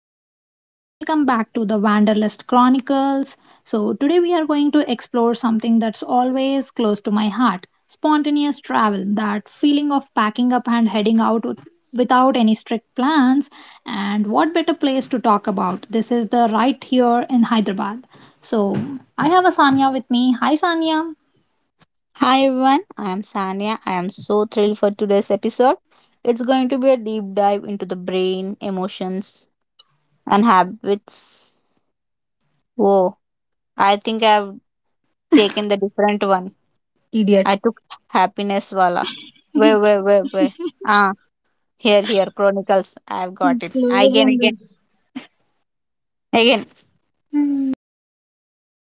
with me. Welcome back to the Wanderlust Chronicles. So, today we are going to explore something that's always close to my heart, spontaneous travel, that feeling of packing up and heading out without any strict plans. And what better place to talk about? This is the right here in Hyderabad. So, I have Asanya with me. Hi, Sanya. Hi everyone, I am Sanya. I am so thrilled for today's episode. It's going to be a deep dive into the brain, emotions, and habits. Whoa, I think I've taken the different one. I Idiot. took happiness wala. Wait, wait, wait, wait. Ah, Chronicles. I've got it. Again, Boring. again, again. Hmm.